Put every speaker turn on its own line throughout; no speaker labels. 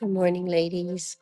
Good morning, ladies.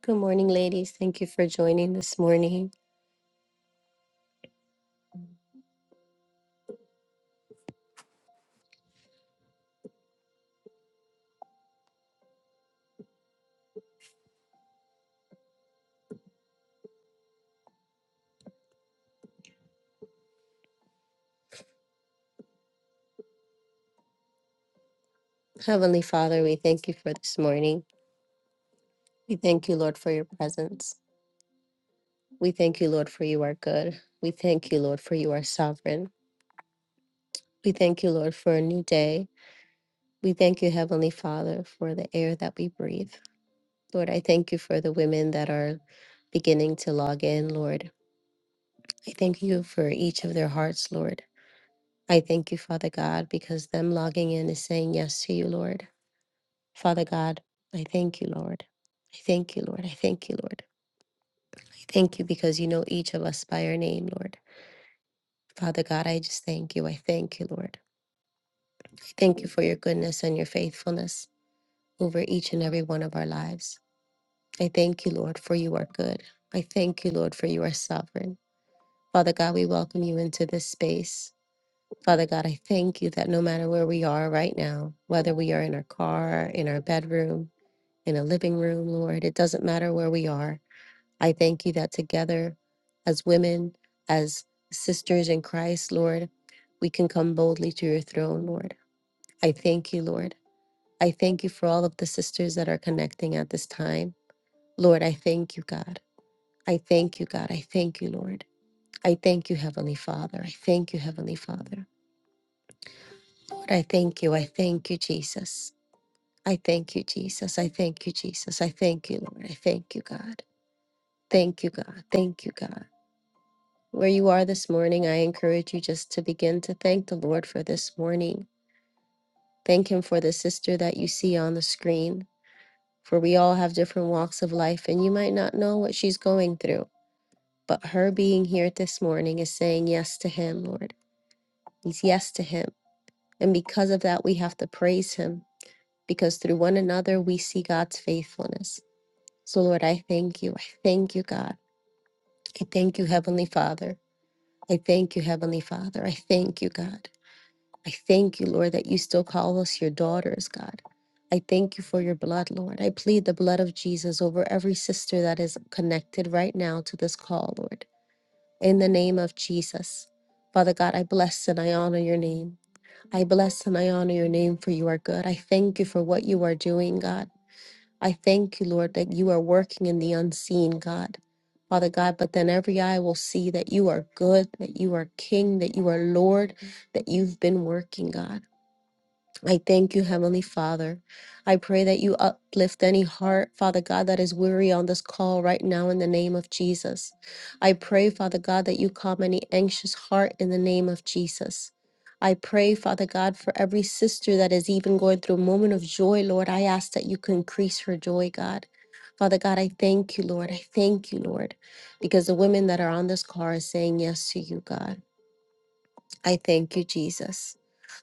Good morning, ladies. Thank you for joining this morning. Heavenly Father, we thank you for this morning. We thank you, Lord, for your presence. We thank you, Lord, for you are good. We thank you, Lord, for you are sovereign. We thank you, Lord, for a new day. We thank you, Heavenly Father, for the air that we breathe. Lord, I thank you for the women that are beginning to log in, Lord. I thank you for each of their hearts, Lord. I thank you, Father God, because them logging in is saying yes to you, Lord. Father God, I thank you, Lord. I thank you, Lord. I thank you, Lord. I thank you because you know each of us by our name, Lord. Father God, I just thank you. I thank you, Lord. I thank you for your goodness and your faithfulness over each and every one of our lives. I thank you, Lord, for you are good. I thank you, Lord, for you are sovereign. Father God, we welcome you into this space. Father God, I thank you that no matter where we are right now, whether we are in our car, in our bedroom, in a living room, Lord, it doesn't matter where we are. I thank you that together as women, as sisters in Christ, Lord, we can come boldly to your throne, Lord. I thank you, Lord. I thank you for all of the sisters that are connecting at this time. Lord, I thank you, God. I thank you, God. I thank you, Lord. I thank you, Heavenly Father. I thank you, Heavenly Father. Lord, I thank you. I thank you, Jesus. I thank you, Jesus. I thank you, Jesus. I thank you, Lord. I thank you, God. Thank you, God. Thank you, God. Where you are this morning, I encourage you just to begin to thank the Lord for this morning. Thank Him for the sister that you see on the screen, for we all have different walks of life, and you might not know what she's going through. But her being here this morning is saying yes to Him, Lord. It's yes to Him. And because of that, we have to praise Him, because through one another, we see God's faithfulness. So, Lord, I thank you. I thank you, God. I thank you, Heavenly Father. I thank you, Heavenly Father. I thank you, God. I thank you, Lord, that you still call us your daughters, God. I thank you for your blood, Lord. I plead the blood of Jesus over every sister that is connected right now to this call, Lord. In the name of Jesus. Father God, I bless and I honor your name. I bless and I honor your name for you are good. I thank you for what you are doing, God. I thank you, Lord, that you are working in the unseen, God. Father God, but then every eye will see that you are good, that you are King, that you are Lord, that you've been working, God. I thank you, Heavenly Father. I pray that you uplift any heart, Father God, that is weary on this call right now in the name of Jesus. I pray, Father God, that you calm any anxious heart in the name of Jesus. I pray, Father God, for every sister that is even going through a moment of joy, Lord. I ask that you can increase her joy, God. Father God, I thank you, Lord. I thank you, Lord, because the women that are on this call are saying yes to you, God. I thank you, Jesus.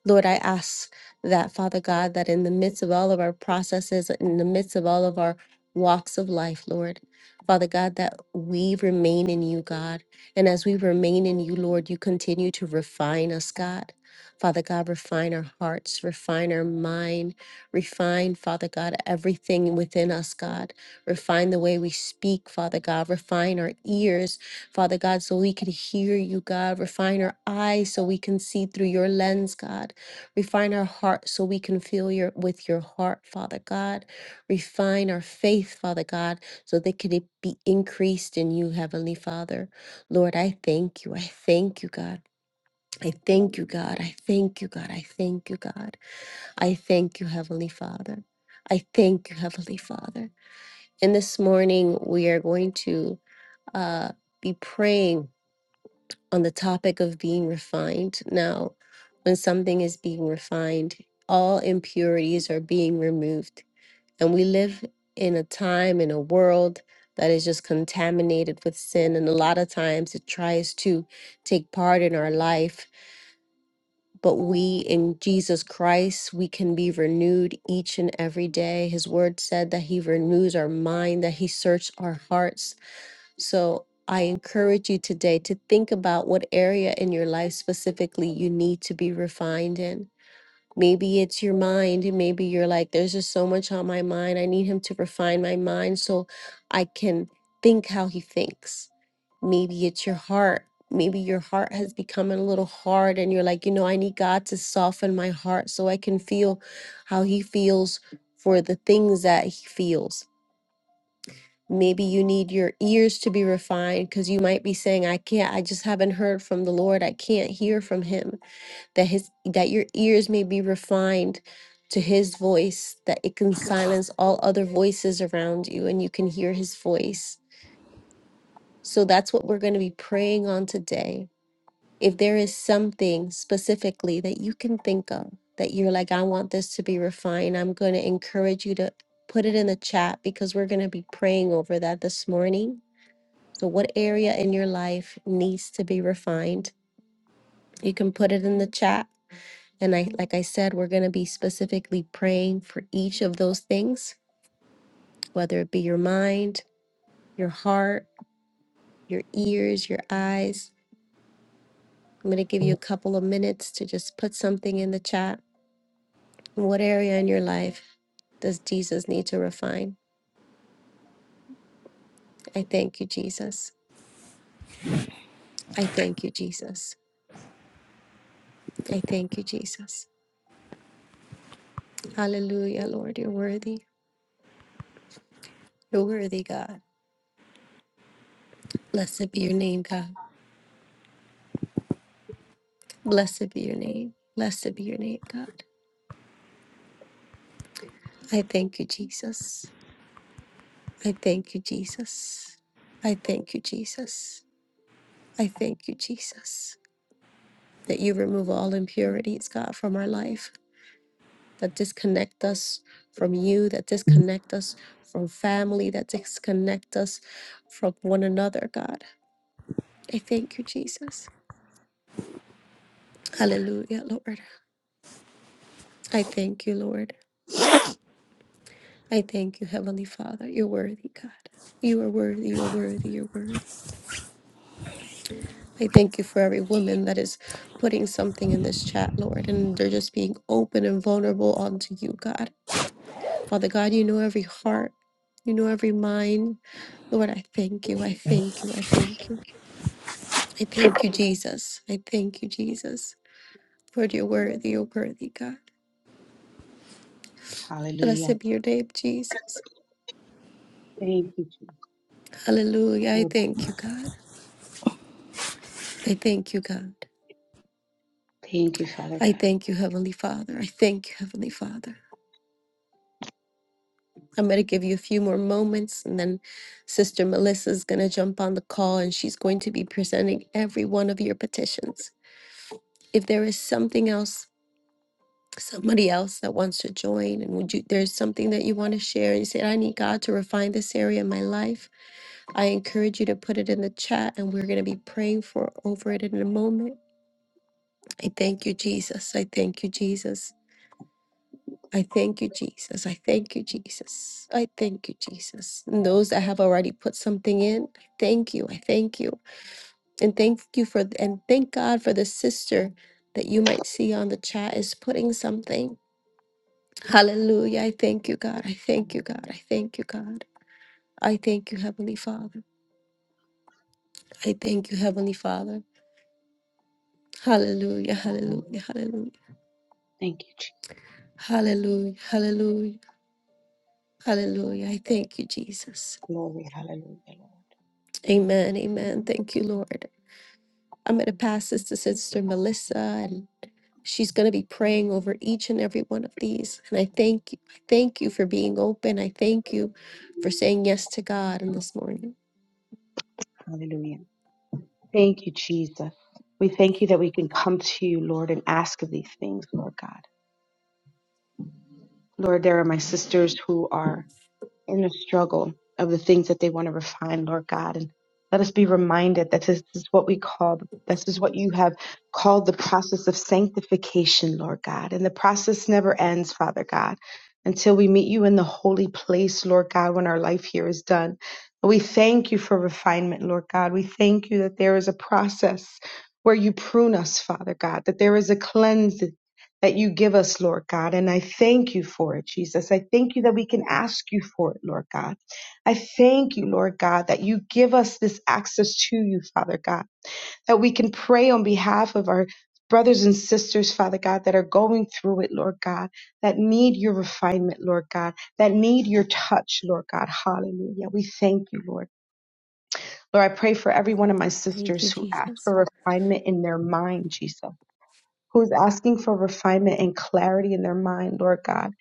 Lord, I ask that, Father God, that in the midst of all of our processes, in the midst of all of our walks of life, Lord, Father God, that we remain in you, God. And as we remain in you, Lord, you continue to refine us, God. Father God, refine our hearts, refine our mind, refine, Father God, everything within us, God. Refine the way we speak, Father God. Refine our ears, Father God, so we can hear you, God. Refine our eyes so we can see through your lens, God. Refine our heart so we can feel your with your heart, Father God. Refine our faith, Father God, so that can it be increased in you, Heavenly Father. Lord, I thank you. I thank you, God. I thank you, God. I thank you, God. I thank you, God. I thank you, Heavenly Father. I thank you, Heavenly Father. And this morning we are going to uh, be praying on the topic of being refined. Now, when something is being refined, all impurities are being removed. And we live in a time, in a world that is just contaminated with sin. And a lot of times it tries to take part in our life. But we in Jesus Christ, we can be renewed each and every day. His word said that He renews our mind, that He searches our hearts so I encourage you today to think about what area in your life specifically you need to be refined in. Maybe it's your mind, and maybe you're like, there's just so much on my mind. I need him to refine my mind so I can think how he thinks. Maybe it's your heart. Maybe your heart has become a little hard, and you're like, you know, I need God to soften my heart so I can feel how he feels for the things that he feels Maybe you need your ears to be refined because you might be saying, I can't, I just haven't heard from the Lord. I can't hear from him. That his that your ears may be refined to his voice, that it can silence all other voices around you and you can hear his voice. So that's what we're going to be praying on today. If there is something specifically that you can think of that you're like, I want this to be refined, I'm going to encourage you to put it in the chat because we're going to be praying over that this morning so, what area in your life needs to be refined? You can put it in the chat. And I, like I said, we're going to be specifically praying for each of those things, whether it be your mind, your heart, your ears, your eyes. I'm going to give you a couple of minutes to just put something in the chat. What area in your life does Jesus need to refine? I thank you, Jesus. I thank you, Jesus. I thank you, Jesus. Hallelujah, Lord. You're worthy. You're worthy, God. Blessed be your name, God. Blessed be your name. Blessed be your name, God. I thank you, Jesus. I thank you, Jesus. I thank you, Jesus. I thank you, Jesus, that you remove all impurities, God, from our life, that disconnect us from you, that disconnect us from family, that disconnect us from one another, God. I thank you, Jesus. Hallelujah, Lord. I thank you, Lord. I thank you, Heavenly Father. You're worthy, God. You are worthy. You are worthy. You're worthy. I thank you for every woman that is putting something in this chat, Lord, and they're just being open and vulnerable unto you, God. Father God, you know every heart, you know every mind. Lord, I thank you. I thank you. I thank you. I thank you, Jesus. I thank you, Jesus. Lord, you're worthy. You're worthy, God.
Hallelujah.
Blessed be your name, Jesus.
Thank you, Jesus.
Hallelujah. I
Lord,
thank you, God. I thank you, God.
thank you, Father
I
God.
thank you, Heavenly Father. I thank you, Heavenly Father. I'm going to give you a few more moments, and then Sister Melissa is going to jump on the call and she's going to be presenting every one of your petitions. If there is something else, somebody else that wants to join, and would you, there's something that you want to share, and you say, I need God to refine this area in my life, I encourage you to put it in the chat, and we're going to be praying for over it in a moment. I thank you, Jesus. I thank you, Jesus. I thank you, Jesus. I thank you, Jesus. I thank you, Jesus. And those that have already put something in, I thank you. I thank you. And thank you for, and thank God for the sister that you might see on the chat is putting something. Hallelujah. I thank you, God. I thank you, God. I thank you, God. I thank you, Heavenly Father. I thank you, Heavenly Father. Hallelujah.
Hallelujah.
Hallelujah. Hallelujah.
Thank you, Jesus.
Hallelujah. Hallelujah. Hallelujah. I thank you, Jesus.
Glory, hallelujah, Lord.
Amen. Amen. Thank you, Lord. I'm going to pass this to Sister Melissa, and she's going to be praying over each and every one of these. And I thank you, I thank you for being open. I thank you for saying yes to God in this morning.
Hallelujah. Thank you, Jesus. We thank you that we can come to you, Lord, and ask of these things, Lord God. Lord, there are my sisters who are inner struggle of the things that they want to refine, Lord God. And let us be reminded that this is what we call, this is what you have called the process of sanctification, Lord God. And the process never ends, Father God, until we meet you in the holy place, Lord God, when our life here is done. But we thank you for refinement, Lord God. We thank you that there is a process where you prune us, Father God, that there is a cleanse that you give us, Lord God. And I thank you for it, Jesus. I thank you that we can ask you for it, Lord God. I thank you, Lord God, that you give us this access to you, Father God, that we can pray on behalf of our brothers and sisters, Father God, that are going through it, Lord God, that need your refinement, Lord God, that need your touch, Lord God. Hallelujah. We thank you, Lord. Lord, I pray for every one of my
Thank you,
sisters who ask
Jesus.
for refinement in their mind, Jesus who's asking for refinement and clarity in their mind, Lord God.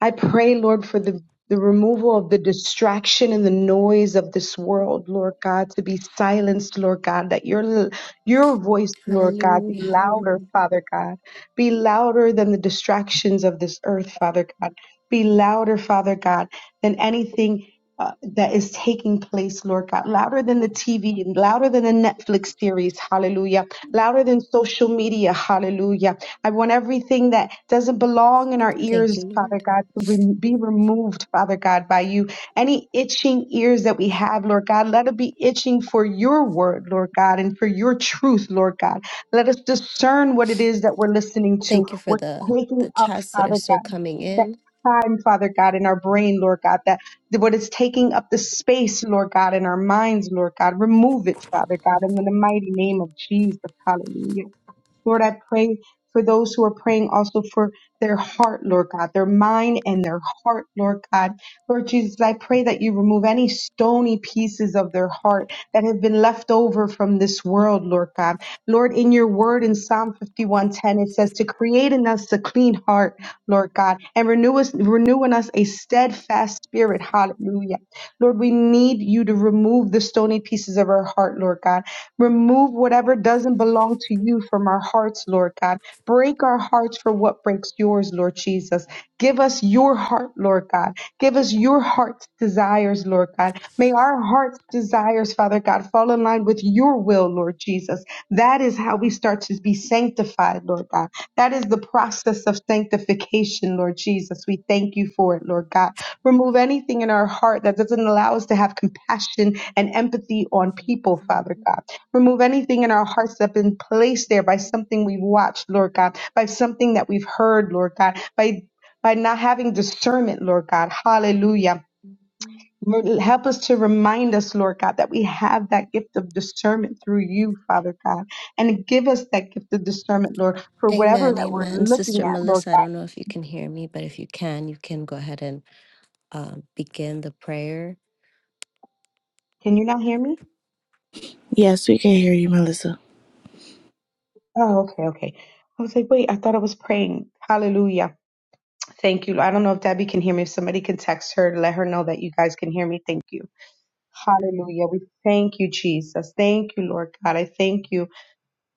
I pray, Lord, for the the removal of the distraction and the noise of this world, Lord God, to be silenced, Lord God, that your your voice, Lord God, be
Hallelujah,
louder,
hallelujah.
Father God, be louder than the distractions of this earth, Father God, be louder, Father God, than anything uh, that is taking place, Lord God, louder than the TV and louder than the Netflix series, hallelujah, louder than social media, hallelujah, I want everything that doesn't belong in our
Thank you,
ears, Father
Lord.
God, to re- be removed, Father God, by you. Any itching ears that we have, Lord God, let it be itching for your word, Lord God, and for your truth, Lord God. Let us discern what it is that we're listening to,
Thank you for
what's
the
taking
the
up,
chats that are
Father
still
God.
coming
that
in.
Time, Father God, in our brain, Lord God, that what is taking up the space, Lord God, in our minds, Lord God, remove it, Father God, in the mighty name of Jesus. Hallelujah. Lord, I pray for those who are praying also for their heart, Lord God, their mind and their heart, Lord God. Lord Jesus, I pray that you remove any stony pieces of their heart that have been left over from this world, Lord God. Lord, in your word in Psalm 51:10, it says to create in us a clean heart, Lord God, and renew us, renew in us a steadfast spirit. Hallelujah. Lord, we need you to remove the stony pieces of our heart, Lord God. Remove whatever doesn't belong to you from our hearts, Lord God. Break our hearts for what breaks yours, Lord Jesus. Give us your heart, Lord God. Give us your heart's desires, Lord God. May our heart's desires, Father God, fall in line with your will, Lord Jesus. That is how we start to be sanctified, Lord God. That is the process of sanctification, Lord Jesus. We thank you for it, Lord God. Remove anything in our heart that doesn't allow us to have compassion and empathy on people, Father God. Remove anything in our hearts that's been placed there by something we've watched, Lord God, by something that we've heard, Lord God, by by not having discernment, Lord God. Hallelujah. Lord, Help us to remind us, Lord God, that we have that gift of discernment through you, Father God. And give us that gift of discernment, Lord, for whatever
Amen,
that we're
amen.
looking
Sister
at, Lord
Melissa, I
God.
don't know if you can hear me, but if you can, you can go ahead and um, begin the prayer.
Can you not hear me?
Yes, we can hear you, Melissa.
Oh, okay, okay. I was like, wait, I thought I was praying. Hallelujah. Thank you. Lord. I don't know if Debbie can hear me. If somebody can text her to let her know that you guys can hear me, thank you. Hallelujah. We thank you, Jesus. Thank you, Lord God. I thank you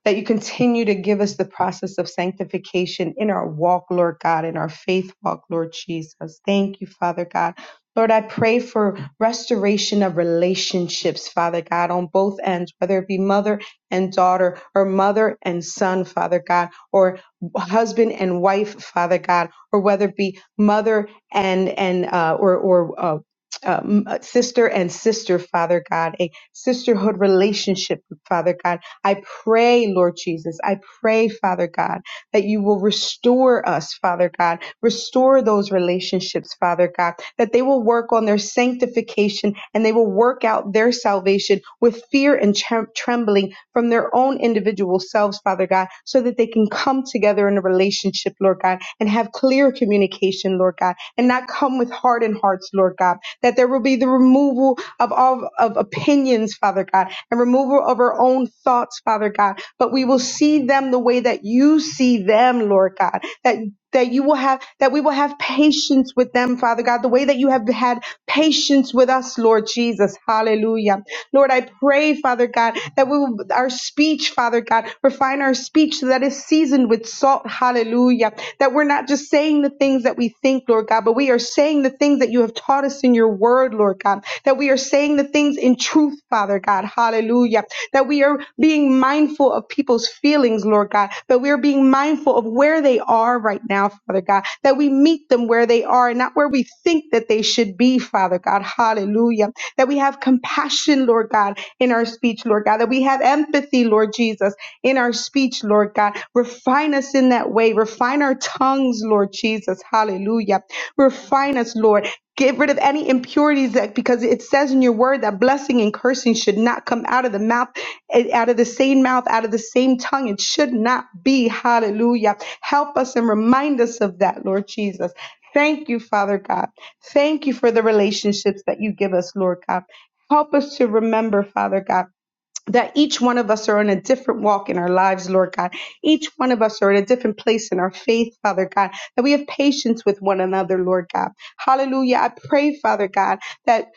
that you continue to give us the process of sanctification in our walk, Lord God, in our faith walk, Lord Jesus. Thank you, Father God. Lord, I pray for restoration of relationships, Father God, on both ends, whether it be mother and daughter, or mother and son, Father God, or husband and wife, Father God, or whether it be mother and and uh, or or uh, um, sister and sister, Father God, a sisterhood relationship, Father God I pray, Lord Jesus, I pray, Father God, that you will restore us, Father God. Restore those relationships, Father God, that they will work on their sanctification and they will work out their salvation with fear and trem- trembling from their own individual selves, Father God, so that they can come together in a relationship, Lord God, and have clear communication, Lord God, and not come with hardened hearts, Lord God, that there will be the removal of all of opinions, Father God, and removal of our own thoughts, Father God, but we will see them the way that you see them, Lord God, that that you will have that we will have patience with them father god the way that you have had patience with us lord jesus hallelujah lord i pray father god that we will our speech father god refine our speech so that is seasoned with salt hallelujah that we're not just saying the things that we think lord god but we are saying the things that you have taught us in your word lord god that we are saying the things in truth, Father God. Hallelujah. That we are being mindful of people's feelings, Lord God. That we are being mindful of where they are right now, Father God. That we meet them where they are and not where we think that they should be, Father God. Hallelujah. That we have compassion, Lord God, in our speech, Lord God. That we have empathy, Lord Jesus in our speech, Lord God. Refine us in that way. Refine our tongues, Lord Jesus. Hallelujah. Refine us, Lord. Get rid of any impurities that because it says in your word that blessing and cursing should not come out of the mouth, eh, out of the same mouth, out of the same tongue. It should not be. Hallelujah. Help us and remind us of that, Lord Jesus. Thank you, Father God. Thank you for the relationships that you give us, Lord God. Help us to remember, Father God that each one of us are on a different walk in our lives, Lord God. Each one of us are at a different place in our faith, Father God, that we have patience with one another, Lord God. Hallelujah. I pray, Father God, that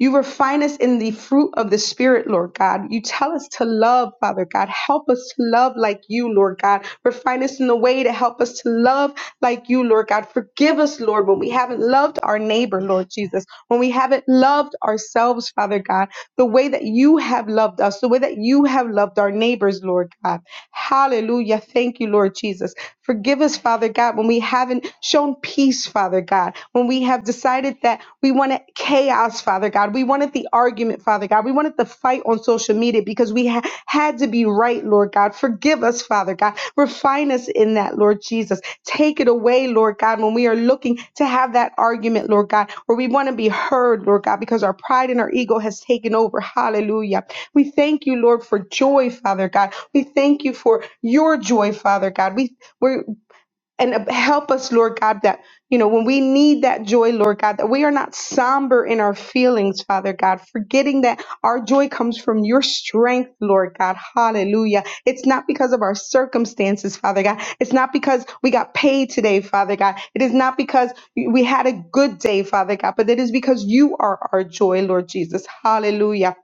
you refine us in the fruit of the Spirit, Lord God. You tell us to love, Father God. Help us to love like you, Lord God. Refine us in the way to help us to love like you, Lord God. Forgive us, Lord, when we haven't loved our neighbor, Lord Jesus when we haven't loved ourselves, Father God, the way that you have loved us, the way that you have loved our neighbors, Lord God. Hallelujah. Thank you, Lord Jesus. Forgive us, Father God, when we haven't shown peace, Father God, when we have decided that we wanted chaos, Father God. We wanted the argument, Father God. We wanted the fight on social media did because we ha- had to be right, Lord God. Forgive us, Father God. Refine us in that, Lord Jesus. Take it away, Lord God, when we are looking to have that argument, Lord God, where we want to be heard, Lord God, because our pride and our ego has taken over. Hallelujah. We thank you, Lord, for joy, Father God. We thank you for your joy, Father God. We, we and uh, help us, Lord God, that, you know, when we need that joy, Lord God, that we are not somber in our feelings, Father God, forgetting that our joy comes from your strength, Lord God. Hallelujah. It's not because of our circumstances, Father God. It's not because we got paid today, Father God. It is not because we had a good day, Father God, but it is because you are our joy, Lord Jesus. Hallelujah.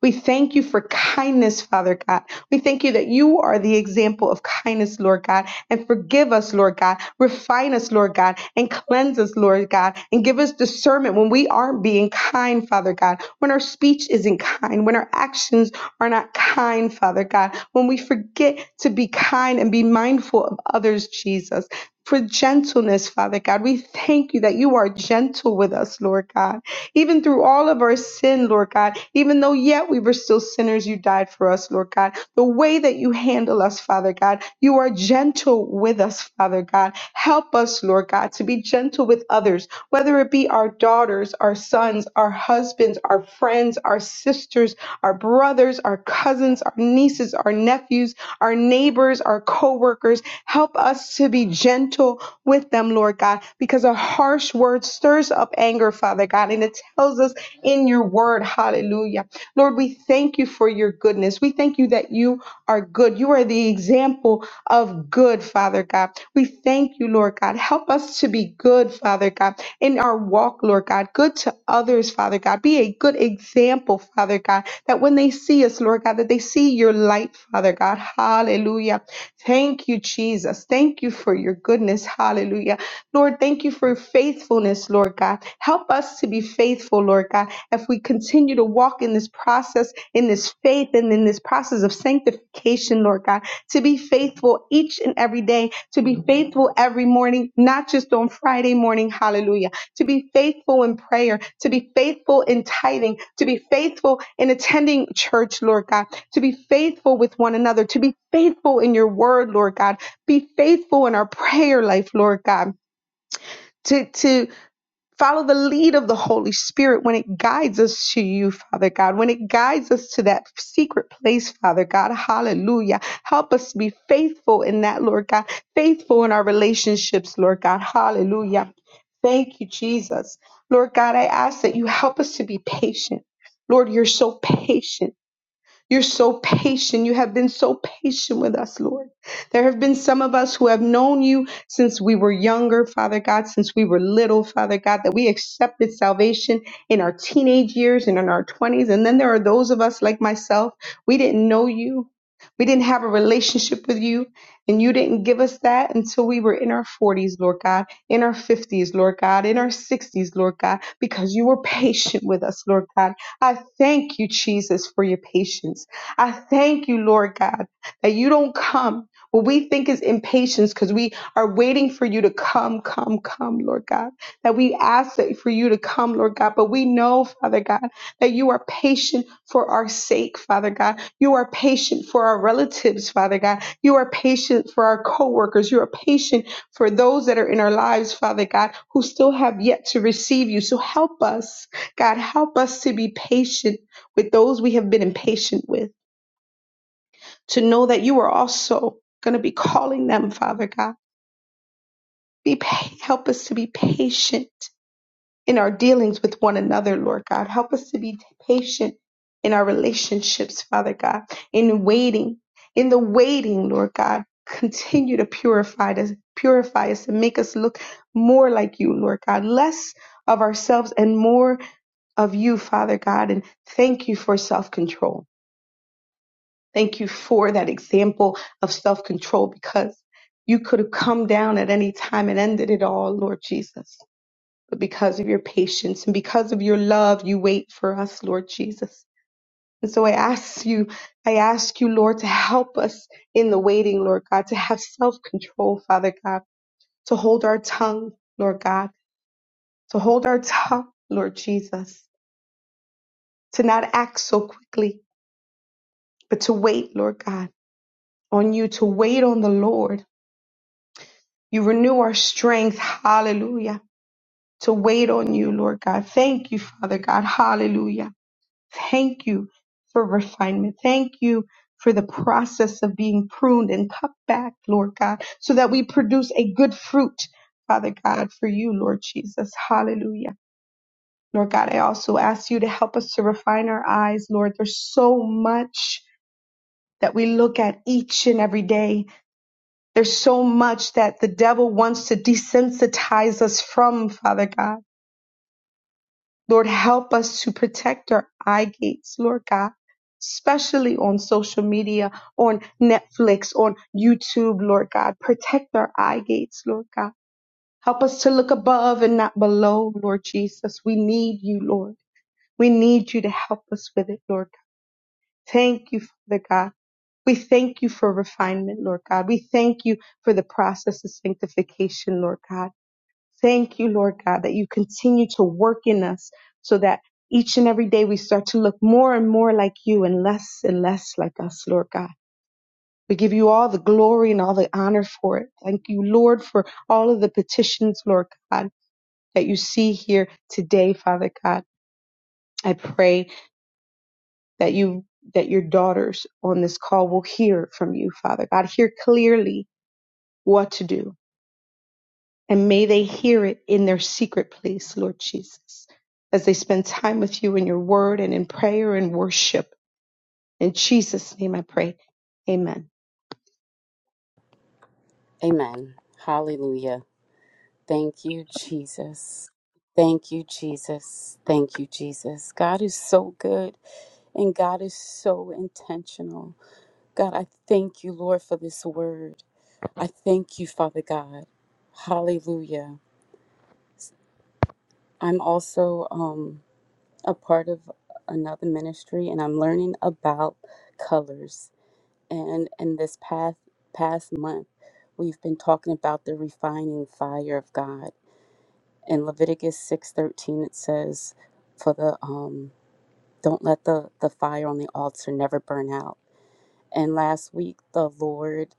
We thank you for kindness, Father God. We thank you that you are the example of kindness, Lord God. And forgive us, Lord God. Refine us, Lord God. And cleanse us, Lord God. And give us discernment when we aren't being kind, Father God. When our speech isn't kind. When our actions are not kind, Father God. When we forget to be kind and be mindful of others, Jesus. For gentleness, Father God. We thank you that you are gentle with us, Lord God even through all of our sin, Lord God, even though yet we were still sinners, you died for us, Lord God. The way that you handle us, Father God, you are gentle with us, Father God. Help us, Lord God, to be gentle with others, whether it be our daughters, our sons, our husbands, our friends, our sisters, our brothers, our cousins, our nieces, our nephews, our neighbors, our co workers. Help us to be gentle with them, Lord God, because a harsh word stirs up anger, Father God, and it tells us in your word, hallelujah. Lord, we thank you for your goodness. We thank you that you are good. You are the example of good, Father God. We thank you, Lord God. Help us to be good, Father God, in our walk, Lord God, good to others, Father God. Be a good example, Father God, that when they see us, Lord God, that they see your light, Father God. Hallelujah. Thank you, Jesus. Thank you for your goodness. Hallelujah. Lord, thank you for faithfulness, Lord God. Help us to be faithful, Lord God. If we continue to walk in this process, in this faith, and in this process of sanctification, Lord God, to be faithful each and every day, to be faithful every morning, not just on Friday morning. Hallelujah to be faithful in prayer, to be faithful in tithing, to be faithful in attending church, Lord God, to be faithful with one another, to be faithful in your word, Lord God, be faithful in our prayer life, Lord God. To, to Follow the lead of the Holy Spirit when it guides us to you, Father God, when it guides us to that secret place, Father God. Hallelujah. Help us to be faithful in that, Lord God, faithful in our relationships, Lord God. Hallelujah. Thank you, Jesus. Lord God, I ask that you help us to be patient. Lord, you're so patient. You're so patient. You have been so patient with us, Lord. There have been some of us who have known you since we were younger, Father God, since we were little, Father God, that we accepted salvation in our teenage years and in our 20s. And then there are those of us like myself, we didn't know you. We didn't have a relationship with you, and you didn't give us that until we were in our 40s, Lord God, in our 50s, Lord God, in our 60s, Lord God, because you were patient with us, Lord God I thank you, Jesus, for your patience. I thank you, Lord God, that you don't come. What we think is impatience because we are waiting for you to come, come, come, Lord God. That we ask that for you to come, Lord God. But we know, Father God, that you are patient for our sake, Father God. You are patient for our relatives, Father God. You are patient for our coworkers. You are patient for those that are in our lives, Father God, who still have yet to receive you. So help us. God, help us to be patient with those we have been impatient with, to know that you are also going to be calling them, Father God. Be pa- help us to be patient in our dealings with one another, Lord God. Help us to be patient in our relationships, Father God, in waiting, in the waiting, Lord God. Continue to purify us, purify us and make us look more like you, Lord God, less of ourselves and more of you, Father God, and thank you for self control. Thank you for that example of self control because you could have come down at any time and ended it all, Lord Jesus. But because of your patience and because of your love, you wait for us, Lord Jesus. And so I ask you, I ask you, Lord, to help us in the waiting, Lord God, to have self control, Father God, to hold our tongue, Lord God, to hold our tongue, Lord Jesus, to not act so quickly, but to wait, Lord God, on you, to wait on the Lord. You renew our strength. Hallelujah. To wait on you, Lord God. Thank you, Father God. Hallelujah. Thank you for refinement. Thank you for the process of being pruned and cut back, Lord God, so that we produce a good fruit, Father God, for you, Lord Jesus. Hallelujah. Lord God, I also ask you to help us to refine our eyes, Lord. There's so much that we look at each and every day There's so much that the devil wants to desensitize us from, Father God. Lord, help us to protect our eye gates, Lord God, especially on social media, on Netflix, on YouTube, Lord God. Protect our eye gates, Lord God. Help us to look above and not below, Lord Jesus. We need you, Lord. We need you to help us with it, Lord Thank you, Father God. We thank you for refinement, Lord God. We thank you for the process of sanctification, Lord God. Thank you, Lord God, that you continue to work in us so that each and every day we start to look more and more like you and less and less like us, Lord God. We give you all the glory and all the honor for it. Thank you, Lord, for all of the petitions, Lord God, that you see here today, Father God. I pray that you that your daughters on this call will hear from you, Father God. Hear clearly what to do. And may they hear it in their secret place, Lord Jesus, as they spend time with you in your word and in prayer and worship. In Jesus' name I pray. Amen.
Amen. Hallelujah. Thank you, Jesus. Thank you, Jesus. Thank you, Jesus. God is so good and God is so intentional. God, I thank you, Lord, for this word. I thank you, Father God. Hallelujah. I'm also um, a part of another ministry and I'm learning about colors. And in this past past month, we've been talking about the refining fire of God in Leviticus 6:13 it says for the um don't let the the fire on the altar never burn out. And last week the Lord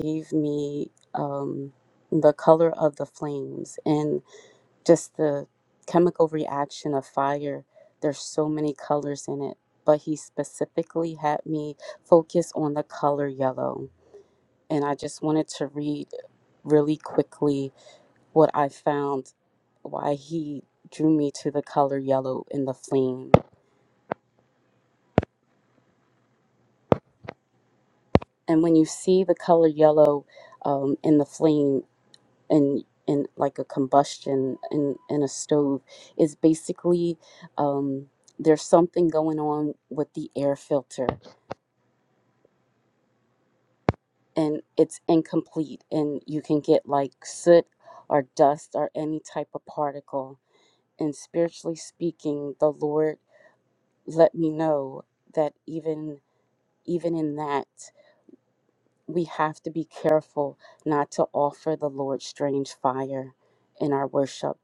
gave me um the color of the flames and just the chemical reaction of fire. There's so many colors in it, but he specifically had me focus on the color yellow. And I just wanted to read really quickly what I found why he drew me to the color yellow in the flame. And when you see the color yellow um, in the flame in, in like a combustion in, in a stove, is basically um, there's something going on with the air filter and it's incomplete and you can get like soot or dust or any type of particle. And spiritually speaking, the Lord let me know that even even in that, we have to be careful not to offer the Lord strange fire in our worship,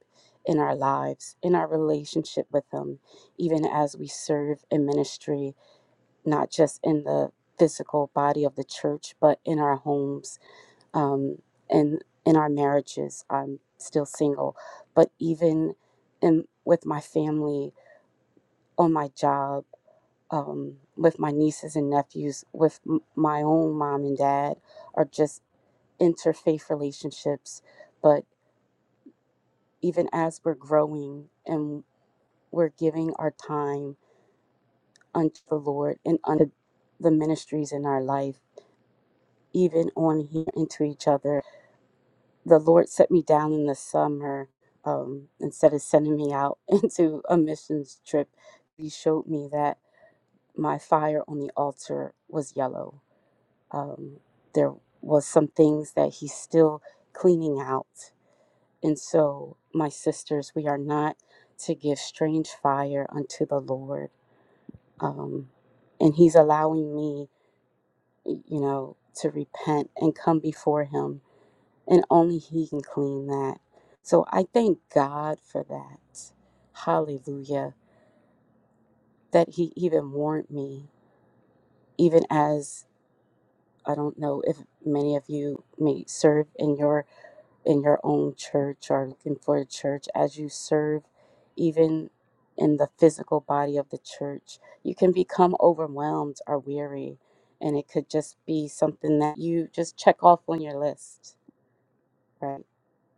in our lives, in our relationship with Him, even as we serve in ministry, not just in the physical body of the church, but in our homes um, and in our marriages. I'm still single, but even in, with my family, on my job um, with my nieces and nephews, with m- my own mom and dad, are just interfaith relationships. But even as we're growing and we're giving our time unto the Lord and unto the ministries in our life, even on here into each other, the Lord set me down in the summer um, instead of sending me out into a missions trip. He showed me that my fire on the altar was yellow Um, there was some things that he's still cleaning out. And so, my sisters, we are not to give strange fire unto the Lord. Um, and he's allowing me, you know, to repent and come before him. And only he can clean that. So I thank God for that. Hallelujah. That he even warned me, even as I don't know if many of you may serve in your in your own church or looking for a church as you serve even in the physical body of the church you can become overwhelmed or weary and it could just be something that you just check off on your list right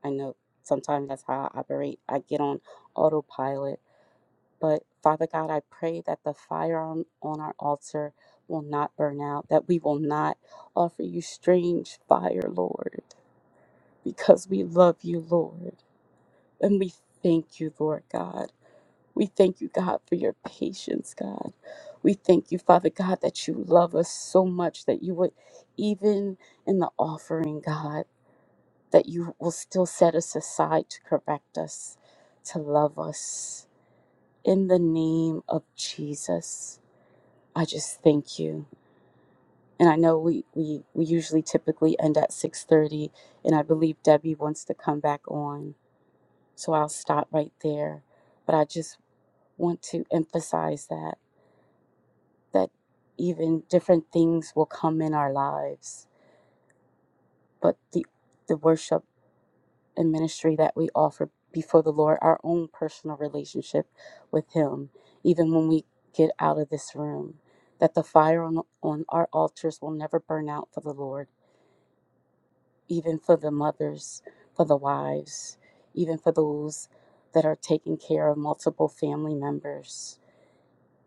i know sometimes that's how i operate i get on autopilot but father god i pray that the fire on, on our altar will not burn out that we will not offer you strange fire lord because we love you lord and we thank you, Lord God. We thank you, God, for your patience, God. We thank you, Father God, that you love us so much that you would, even in the offering, God, that you will still set us aside to correct us, to love us. In the name of Jesus, I just thank you. And I know we, we, we usually typically end at 6.30, and I believe Debbie wants to come back on. So I'll stop right there. But I just want to emphasize that that even different things will come in our lives but the the worship and ministry that we offer before the lord our own personal relationship with him even when we get out of this room that the fire on, on our altars will never burn out for the lord even for the mothers for the wives even for those that are taking care of multiple family members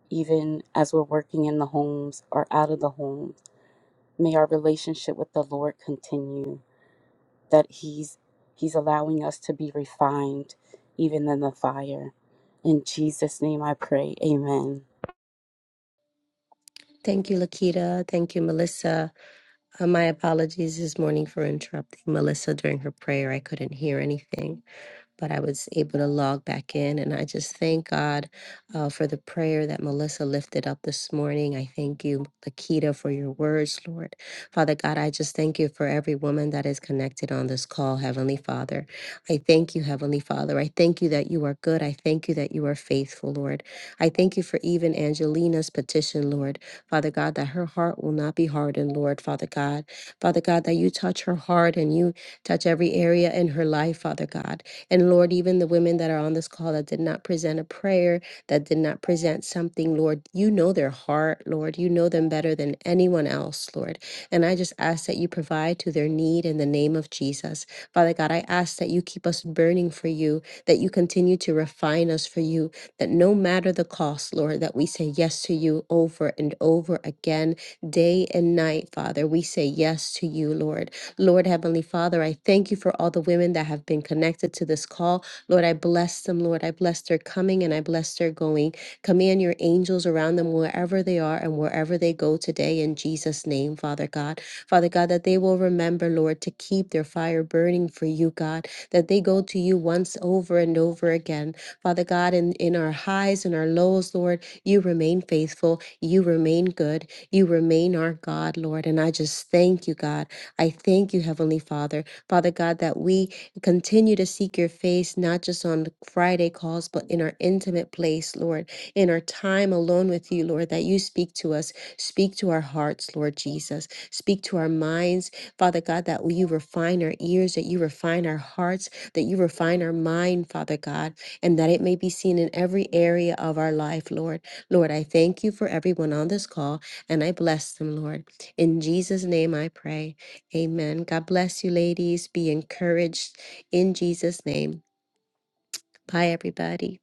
even as we're working in the homes or out of the homes. May our relationship with the Lord continue, that He's He's allowing us to be refined even in the fire. In Jesus' name I pray. Amen.
Thank you, Lakita. Thank you, Melissa. Uh, my apologies this morning for interrupting Melissa during her prayer. I couldn't hear anything but I was able to log back in. And I just thank God uh, for the prayer that Melissa lifted up this morning. I thank you, Lakita, for your words, Lord. Father God, I just thank you for every woman that is connected on this call, Heavenly Father. I thank you, Heavenly Father. I thank you that you are good. I thank you that you are faithful, Lord. I thank you for even Angelina's petition, Lord. Father God, that her heart will not be hardened, Lord, Father God. Father God, that you touch her heart and you touch every area in her life, Father God. And Lord, even the women that are on this call that did not present a prayer, that did not present something, Lord, you know their heart, Lord. You know them better than anyone else, Lord. And I just ask that you provide to their need in the name of Jesus. Father God, I ask that you keep us burning for you, that you continue to refine us for you, that no matter the cost, Lord, that we say yes to you over and over again, day and night, Father. We say yes to you, Lord. Lord Heavenly Father, I thank you for all the women that have been connected to this call. Lord, I bless them, Lord. I bless their coming and I bless their going. Command your angels around them wherever they are and wherever they go today in Jesus' name, Father God. Father God, that they will remember, Lord, to keep their fire burning for you, God, that they go to you once over and over again. Father God, in, in our highs and our lows, Lord, you remain faithful. You remain good. You remain our God, Lord. And I just thank you, God. I thank you, Heavenly Father, Father God, that we continue to seek your face, not just on Friday calls, but in our intimate place, Lord, in our time alone with you, Lord, that you speak to us, speak to our hearts, Lord Jesus, speak to our minds, Father God, that you refine our ears, that you refine our hearts, that you refine our mind, Father God, and that it may be seen in every area of our life, Lord. Lord, I thank you for everyone on this call, and I bless them, Lord. In Jesus' name I pray. Amen. God bless you, ladies. Be encouraged in Jesus' name. Bye, everybody.